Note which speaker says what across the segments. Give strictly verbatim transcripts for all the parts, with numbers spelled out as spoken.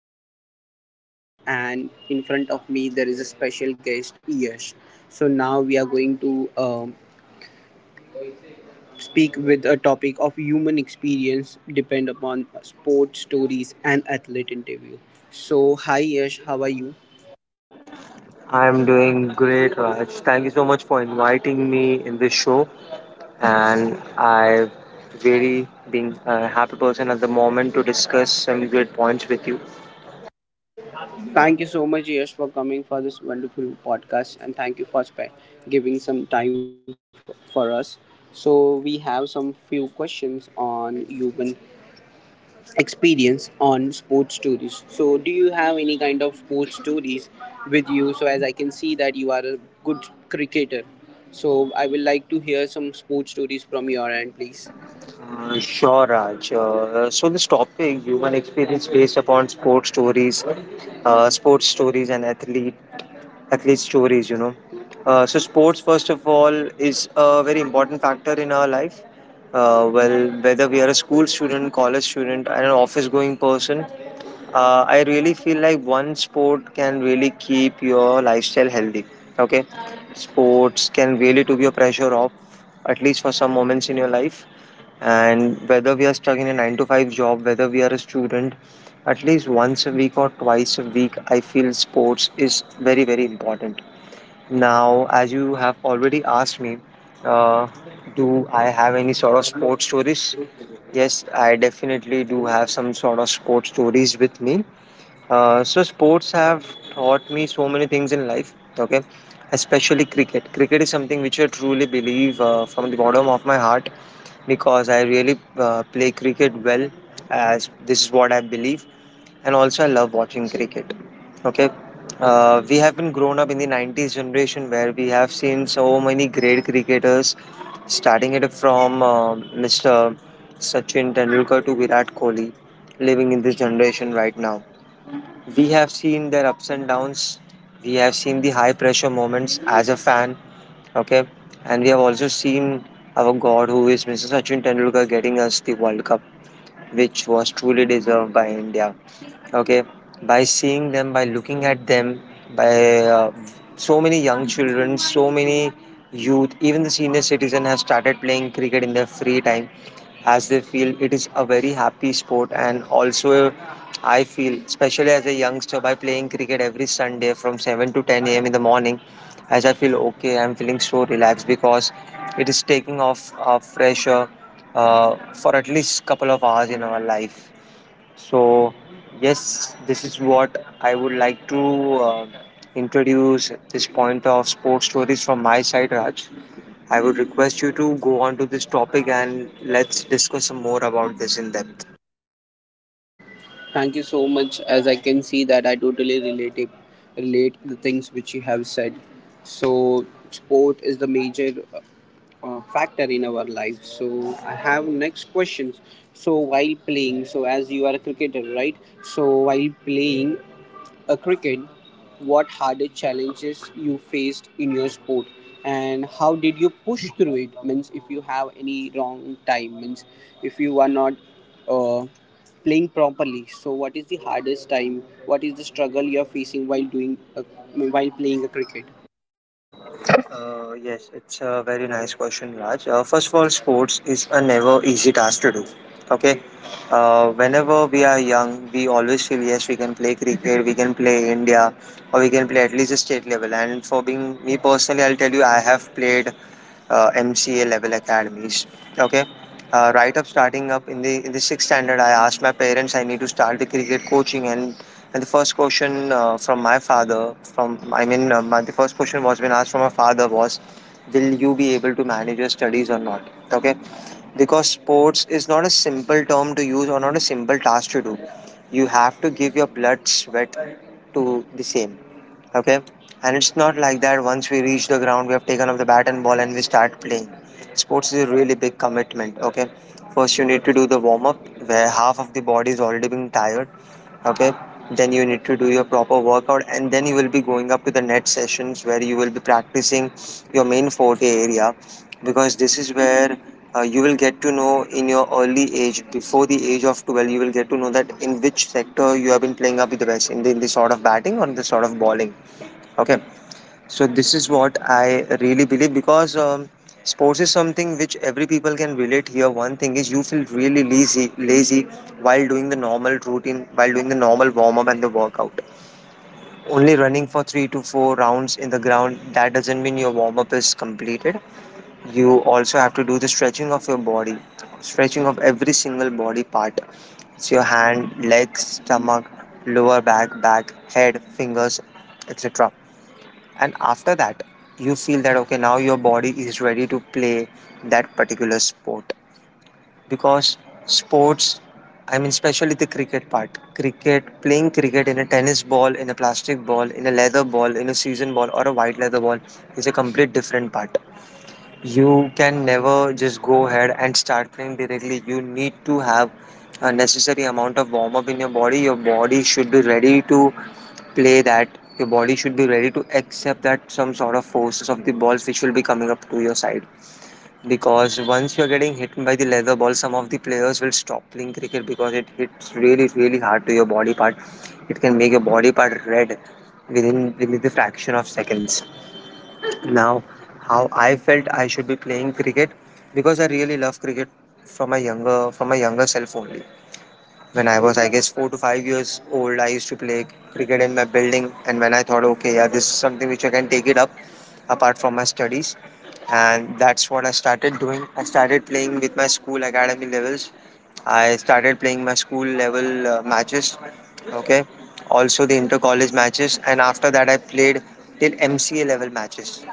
Speaker 1: Podcast. My name is Raj, and in front of me there is a special guest, Yash. So now we are going to um, speak with a topic of human experience depend upon sports stories and athlete interview. So hi Yash, how are you?
Speaker 2: I'm doing great, Raj. Thank you so much for inviting me in this show. And I very being a happy person at the moment to discuss some great points with you.
Speaker 1: Thank you so much Yash for coming for this wonderful podcast, and thank you for sp- giving some time for, for us. So we have some few questions on human experience on sports stories. So, do you have any kind of sports stories with you? So, as I can see that you are a good cricketer, so I will like to hear some sports stories from your end, please.
Speaker 2: Uh, sure, Raj. Uh, so this topic, human experience based upon sports stories, uh, sports stories and athlete athlete stories, you know. Uh, so, sports, first of all, is a very important factor in our life. Uh, well, whether we are a school student, college student, and an office going person, uh, I really feel like one sport can really keep your lifestyle healthy. Okay, sports can really took your pressure off, at least for some moments in your life. And whether we are stuck in a nine to five job, whether we are a student, at least once a week or twice a week, I feel sports is very very important. Now, as you have already asked me, uh, do I have any sort of sports stories? Yes, I definitely do have some sort of sports stories with me. Uh, so sports have taught me so many things in life. Okay, especially cricket. Cricket is something which I truly believe, uh, from the bottom of my heart, because I really uh, play cricket well, as this is what I believe. And also I love watching cricket. Okay, uh, we have been grown up in the nineties generation, where we have seen so many great cricketers, starting it from uh, mister Sachin Tendulkar to Virat Kohli, living in this generation right now. We have seen their ups and downs. We have seen the high pressure moments as a fan. Okay, and we have also seen our God, who is mister Sachin Tendulkar, getting us the World Cup, which was truly deserved by India. Okay, by seeing them, by looking at them, by uh, so many young children, so many youth, even the senior citizen has started playing cricket in their free time, as they feel it is a very happy sport. And also, I feel, especially as a youngster, by playing cricket every sunday from seven to ten a.m in the morning, as I feel okay, I'm feeling so relaxed, because it is taking off a fresh air uh, for at least couple of hours in our life. So, yes, this is what I would like to uh, introduce this point of sports stories from my side, Raj. I would request you to go on to this topic and let's discuss some more about this in depth.
Speaker 1: Thank you so much. As I can see that I totally relate it, relate the things which you have said. So, sport is the major uh, uh, factor in our life. So, I have next questions. So, while playing, so as you are a cricketer, right? So, while playing, a cricket, what hardest challenges you faced in your sport and how did you push through it? Means if you have any wrong time, means if you are not uh, playing properly. So what is the hardest time? What is the struggle you are facing while doing a, while playing a cricket?
Speaker 2: Uh, yes, it's a very nice question, Raj. Uh, first of all, sports is a never easy task to do. Okay, uh, whenever we are young, we always feel yes, we can play cricket, we can play India, or we can play at least a state level. And for being me personally, I'll tell you, I have played uh, M C A level academies. Okay, uh, right up starting up in the in the sixth standard, I asked my parents I need to start the cricket coaching, and and the first question uh, from my father, from I mean, uh, my, the first question was been asked from my father was, "Will you be able to manage your studies or not?" Okay, because sports is not a simple term to use or not a simple task to do. You have to give your blood, sweat to the same. Okay? And it's not like that once we reach the ground, we have taken up the bat and ball and we start playing. Sports is a really big commitment. Okay? First, you need to do the warm up, where half of the body is already being tired. Okay? Then you need to do your proper workout, and then you will be going up to the net sessions, where you will be practicing your main forte area, because this is where uh, you will get to know, in your early age before the age of twelve, you will get to know that in which sector you have been playing up with the best, in the, in the sort of batting or in the sort of bowling. Okay, so this is what I really believe, because um, sports is something which every people can relate. Here one thing is, you feel really lazy lazy while doing the normal routine, while doing the normal warm up and the workout. Only running for three to four rounds in the ground, that doesn't mean your warm up is completed. You also have to do the stretching of your body, stretching of every single body part. It's your hand, legs, stomach, lower back, back, head, fingers, etc. And after that, you feel that okay, now your body is ready to play that particular sport. Because sports, I mean especially the cricket part, cricket, playing cricket in a tennis ball, in a plastic ball, in a leather ball, in a season ball, or a white leather ball, is a complete different part. You can never just go ahead and start playing directly. You need to have a necessary amount of warm up in your body. Your body should be ready to play that. Your body should be ready to accept that some sort of forces of the balls which will be coming up to your side. Because once you're getting hit by the leather ball, some of the players will stop playing cricket, because it hits really, really hard to your body part. It can make your body part red within within the fraction of seconds. Now, how I felt I should be playing cricket, because I really love cricket from my younger from my younger self only. When I was I guess four to five years old, I used to play cricket in my building, and when I thought, okay, yeah, this is something which I can take it up apart from my studies, and that's what I started doing. I started playing with my school academy levels. I started playing my school level uh, matches, okay, also the inter college matches, and after that I played till M C A level matches.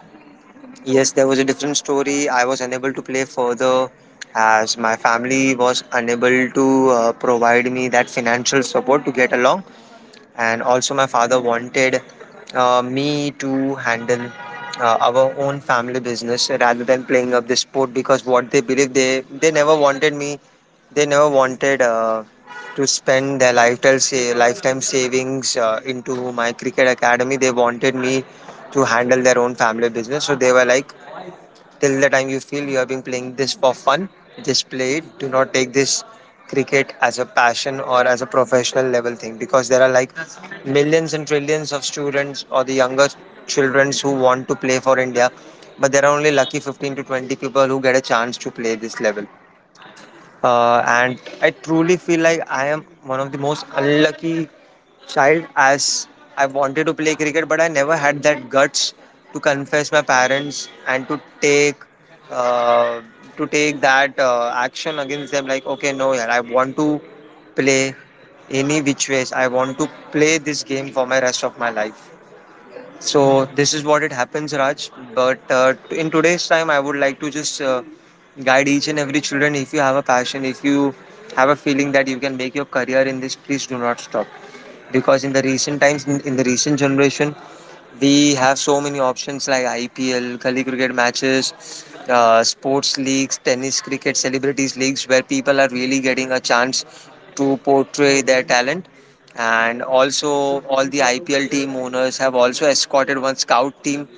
Speaker 2: Yes, there was a different story. I was unable to play further, as my family was unable to uh, provide me that financial support to get along. And also, my father wanted uh, me to handle uh, our own family business rather than playing up the sport, because what they believe, they they never wanted me. They never wanted uh, to spend their lifetime say, lifetime savings uh, into my cricket academy. They wanted me to handle their own family business. So they were like, till the time you feel you have been playing this for fun, just play it, do not take this cricket as a passion or as a professional level thing, because there are like millions and trillions of students or the younger children who want to play for india, but there are only lucky fifteen to twenty people who get a chance to play this level. Uh, and I truly feel like I am one of the most unlucky child, as I wanted to play cricket, but I never had that guts to confess my parents and to take uh, to take that uh, action against them. Like, okay, no, yeah, I want to play any which ways. I want to play this game for my rest of my life. So this is what it happens, Raj. But uh, t- in today's time, I would like to just uh, guide each and every children. If you have a passion, if you have a feeling that you can make your career in this, please do not stop. Because in the recent times, in, in the recent generation, we have so many options like I P L, gully cricket matches, uh, sports leagues, tennis, cricket, celebrities leagues, where people are really getting a chance to portray their talent. And also, all the I P L team owners have also escorted one scout team,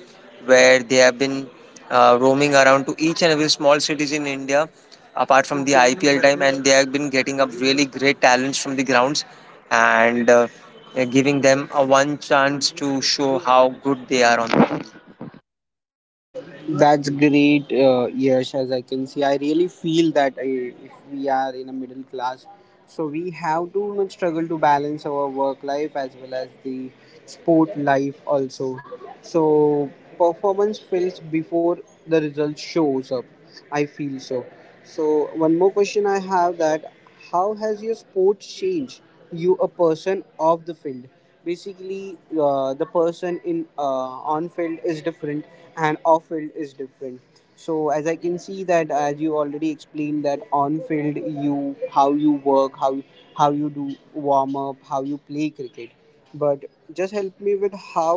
Speaker 2: where they have been uh, roaming around to each and every small cities in India apart from the I P L time, and they have been getting up really great talents from the grounds, and uh, uh, giving them a one chance to show how good they are on.
Speaker 1: That's great, uh, Yash. As I can see, I really feel that uh, if we are in a middle class, so we have to much struggle to balance our work life as well as the sport life also. So performance fails before the result shows up. I feel so. So one more question I have that how has your sport changed you a person of the field, basically uh, the person in uh, on field is different and off field is different. So as I can see that, as you already explained that on field you, how you work how how you do warm up, how you play cricket, but just help me with how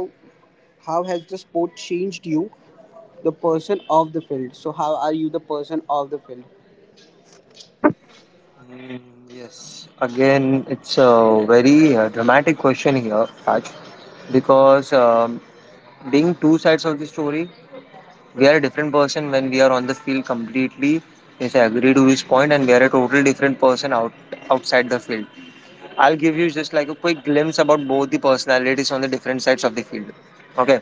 Speaker 1: how has the sport changed you, the person of the field. So how are you the person of the field?
Speaker 2: Mm. Yes, again, it's a very uh, dramatic question here, Raj, because um, being two sides of the story, we are a different person when we are on the field completely. Yes, I agree to this point, and we are a totally different person out outside the field. I'll give you just like a quick glimpse about both the personalities on the different sides of the field. Okay.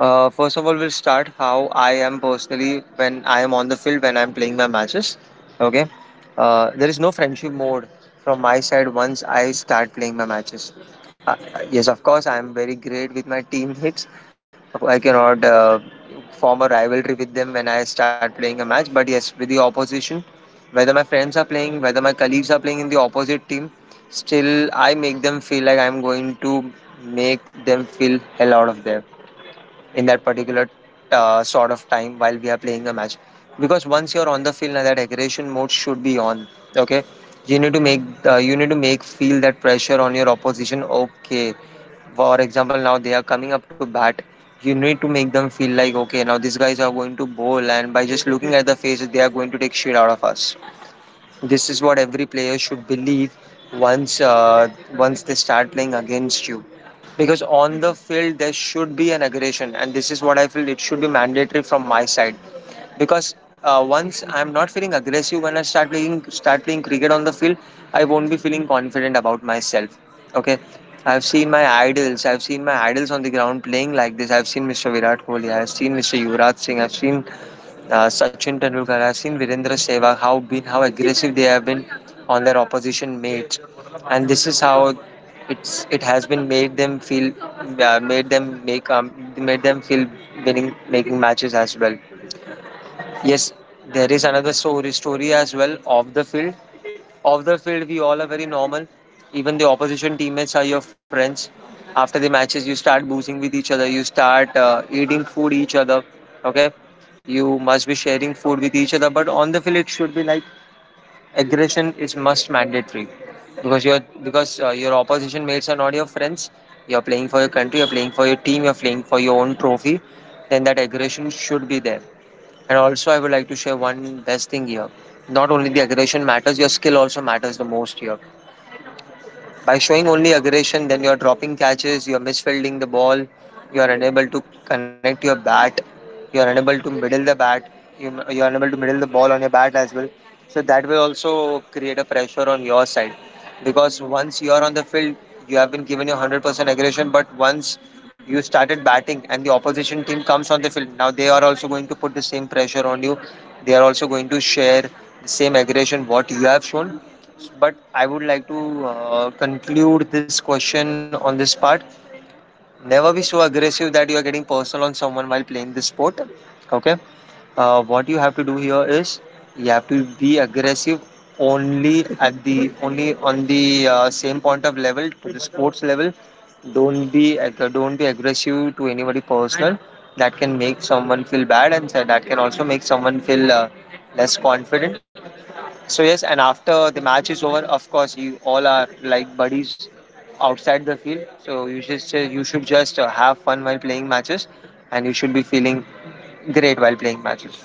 Speaker 2: Uh, first of all, we'll start how I am personally when I am on the field when I'm playing my matches. Okay, uh, there is no friendship mode from my side once I start playing my matches. Uh, yes, of course, I am very great with my teammates. I cannot uh, form a rivalry with them when I start playing a match. But yes, with the opposition, whether my friends are playing, whether my colleagues are playing in the opposite team, still I make them feel like I'm going to make them feel hell out of there in that particular uh, sort of time while we are playing a match, because once you're on the field, now that aggression mode should be on. Okay, you need to make uh, you need to make feel that pressure on your opposition. Okay, for example, now they are coming up to bat. You need to make them feel like, okay, now these guys are going to bowl, and by just looking at the faces they are going to take shit out of us. This is what every player should believe once uh, once they start playing against you. Because on the field there should be an aggression, and this is what I feel it should be mandatory from my side. Because uh, once I'm not feeling aggressive when I start playing start playing cricket on the field, I won't be feeling confident about myself. Okay, I've seen my idols. I've seen my idols on the ground playing like this. I've seen mister Virat Kohli. I've seen mister Yuvraj Singh. I've seen uh, Sachin Tendulkar. I've seen Virendra Sehwag how been how aggressive they have been on their opposition mates, and this is how it's it has been made them feel uh, made them make um, made them feel winning making matches as well. Yes, there is another story story as well off the field. Off the field, we all are very normal. Even the opposition teammates are your friends. After the matches, you start boozing with each other. You start uh, eating food each other. Okay, you must be sharing food with each other. But on the field, it should be like aggression is must mandatory, because your because uh, your opposition mates are not your friends. You're playing for your country. You're playing for your team. You're playing for your own trophy. Then that aggression should be there. And also, I would like to share one best thing here. Not only the aggression matters, your skill also matters the most here. By showing only aggression, then you're dropping catches, you're misfielding the ball, you're unable to connect your bat, you're unable to middle the bat, you, you're unable to middle the ball on your bat as well. So that will also create a pressure on your side, because once you're on the field, you have been given your one hundred percent aggression, but once you started batting and the opposition team comes on the field, now they are also going to put the same pressure on you. They are also going to share the same aggression what you have shown, but I would like to uh, conclude this question on this part. Never be so aggressive that you are getting personal on someone while playing this sport. Okay. Uh, what you have to do here is you have to be aggressive only at the only on the uh, same point of level to the sports level. Don't be ag- don't be aggressive to anybody personal. That can make someone feel bad, and that can also make someone feel uh, less confident. So yes, and after the match is over, of course, you all are like buddies outside the field. So you just you should just uh, have fun while playing matches, and you should be feeling great while playing matches.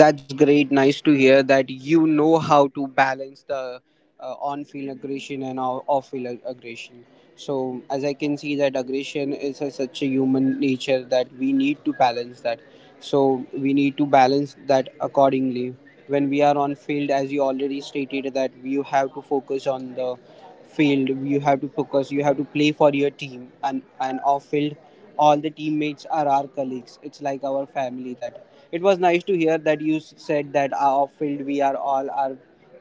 Speaker 1: That's great. Nice to hear that you know how to balance the uh, on-field aggression and off- off-field ag- aggression. So, as I can see, that aggression is a, such a human nature that we need to balance that. So, we need to balance that accordingly. When we are on field, as you already stated, that you have to focus on the field. You have to focus. You have to play for your team, and and off-field, all the teammates are our colleagues. It's like our family. That it was nice to hear that you s- said that our field we are all our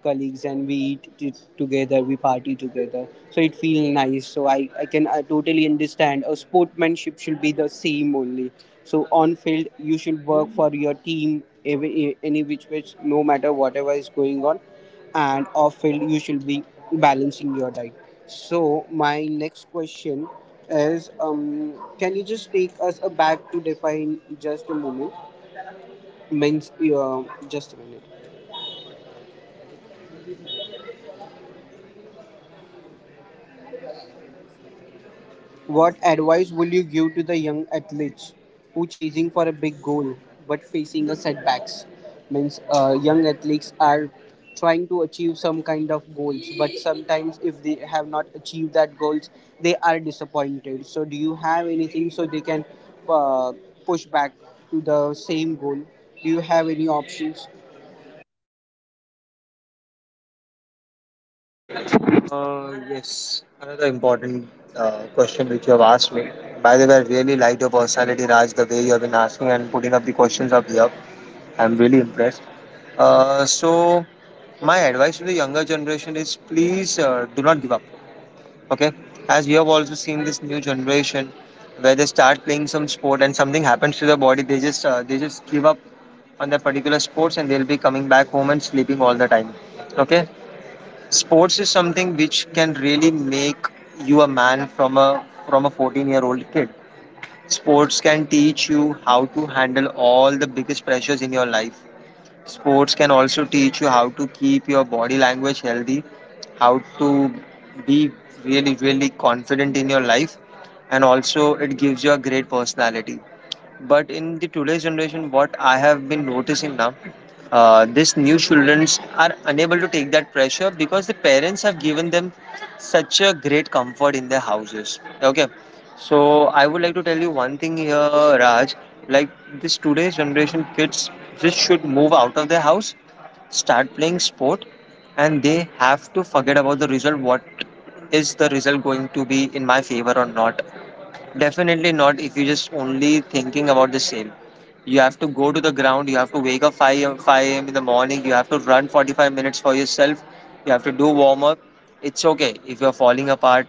Speaker 1: colleagues, and we eat t- together, we party together, so it feels nice. So i i can, I totally understand a sportsmanship should be the same only. So on field you should work for your team, every e, any which which no matter whatever is going on, and off field you should be balancing your diet. So my next question is, um can you just take us back to define just a moment. Means, uh, just a minute. What advice will you give to the young athletes who chasing for a big goal but facing a setbacks? Means, uh, young athletes are trying to achieve some kind of goals, but sometimes if they have not achieved that goals, they are disappointed. So, do you have anything so they can uh, push back to the same goal? Do you have any options?
Speaker 2: Uh, yes, another important uh, question which you have asked me. By the way, I really like your personality, Raj. The way you have been asking and putting up the questions up here, I'm really impressed. Uh, so my advice to the younger generation is, please uh, do not give up. Okay, as you have also seen this new generation, where they start playing some sport and something happens to their body, they just uh, they just give up on their particular sports, and they'll be coming back home and sleeping all the time. Okay, sports is something which can really make you a man from a from a fourteen year old kid. Sports can teach you how to handle all the biggest pressures in your life. Sports can also teach you how to keep your body language healthy, how to be really, really confident in your life, and also it gives you a great personality. But in the today's generation, what I have been noticing now, uh, these new children are unable to take that pressure because the parents have given them such a great comfort in their houses. Okay, so I would like to tell you one thing here, Raj. Like, this today's generation kids just should move out of their house, start playing sport, and they have to forget about the result. What is the result going to be? In my favor or not? Definitely not, if you just only thinking about the same. You have to go to the ground. You have to wake up five a m five a.m in the morning. You have to run forty-five minutes for yourself. You have to do warm up. It's okay if you're falling apart.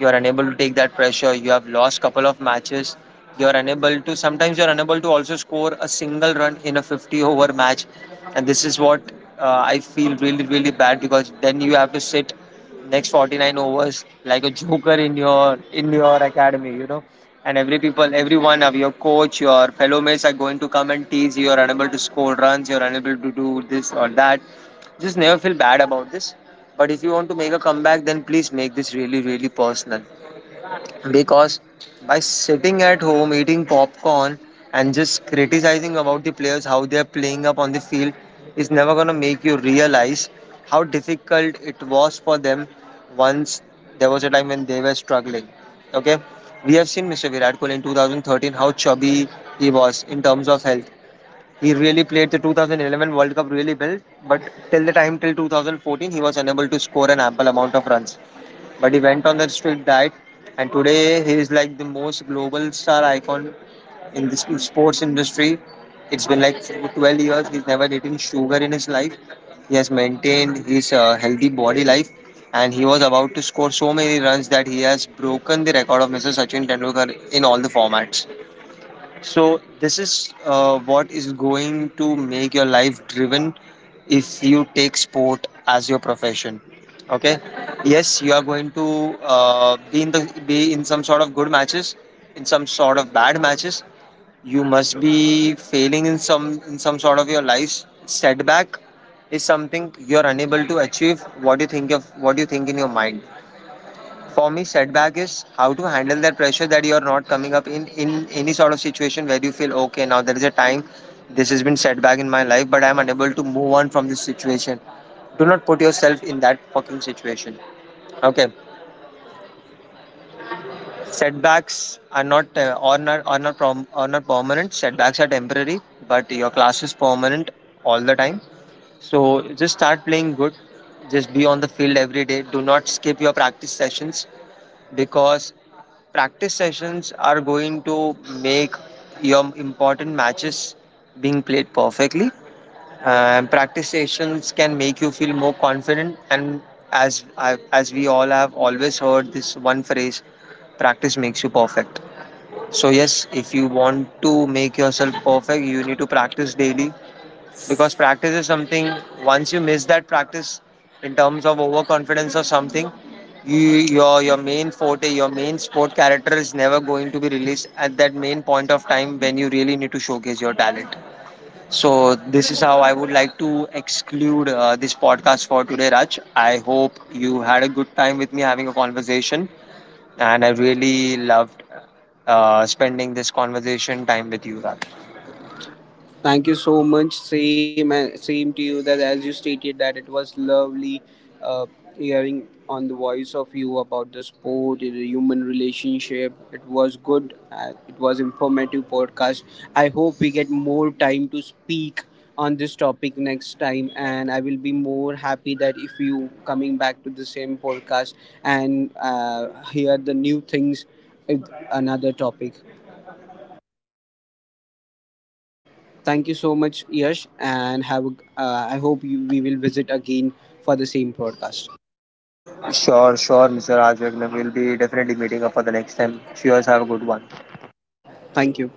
Speaker 2: You're unable to take that pressure. You have lost couple of matches. You're unable to sometimes you're unable to also score a single run in a fifty over match. And this is what uh, I feel really, really bad, because then you have to sit next forty-nine overs like a joker in your in your academy, you know. And every people, every one of your coach, your fellow mates are going to come and tease you. You're unable to score runs, you're unable to do this or that. Just never feel bad about this. But if you want to make a comeback, then please make this really, really personal. Because by sitting at home, eating popcorn, and just criticizing about the players, how they are playing up on the field, is never going to make you realize how difficult it was for them once there was a time when they were struggling. Okay? We have seen mister Virat Kohli in two thousand thirteen, how chubby he was in terms of health. He really played the two thousand eleven World Cup really well, but till the time, till two thousand fourteen, he was unable to score an ample amount of runs. But he went on the strict diet, and today he is like the most global star icon in the sports industry. It's been like twelve years. He's never eaten sugar in his life. He has maintained his uh, healthy body life, and he was about to score so many runs that he has broken the record of mister Sachin Tendulkar in all the formats. So this is uh, what is going to make your life driven if you take sport as your profession. Okay. Yes, you are going to uh, be in the be in some sort of good matches, in some sort of bad matches. You must be failing in some in some sort of your life's setback is something you are unable to achieve. What do you think of? What do you think in your mind? For me, setback is how to handle that pressure that you are not coming up in in any sort of situation where you feel okay. Now there is a time this has been setback in my life, but I'm unable to move on from this situation. Do not put yourself in that fucking situation. Okay, setbacks are not uh, are not are not prom- are not permanent. Setbacks are temporary, but your class is permanent all the time. So just start playing good. Just be on the field every day. Do not skip your practice sessions, because practice sessions are going to make your important matches being played perfectly. And practice sessions can make you feel more confident. And as I, as we all have always heard this one phrase, practice makes you perfect. So yes, if you want to make yourself perfect, you need to practice daily, because practice is something once you miss that practice in terms of overconfidence or something, you, your your main forte, your main sport character is never going to be released at that main point of time when you really need to showcase your talent. So this is how I would like to exclude uh, this podcast for today, Raj. I hope you had a good time with me having a conversation, and I really loved uh, spending this conversation time with you, Raj.
Speaker 1: Thank you so much. Same, uh, same to you. That as you stated that it was lovely uh, hearing on the voice of you about the sport, the human relationship. It was good. Uh, it was informative podcast. I hope we get more time to speak on this topic next time, and I will be more happy that if you coming back to the same podcast and uh, hear the new things with another topic. Thank you so much, Yash, and have. A, uh, I hope you, we will visit again for the same podcast.
Speaker 2: Sure, sure, mister Raj Raghavan. We'll be definitely meeting up for the next time. Cheers, have a good one.
Speaker 1: Thank you.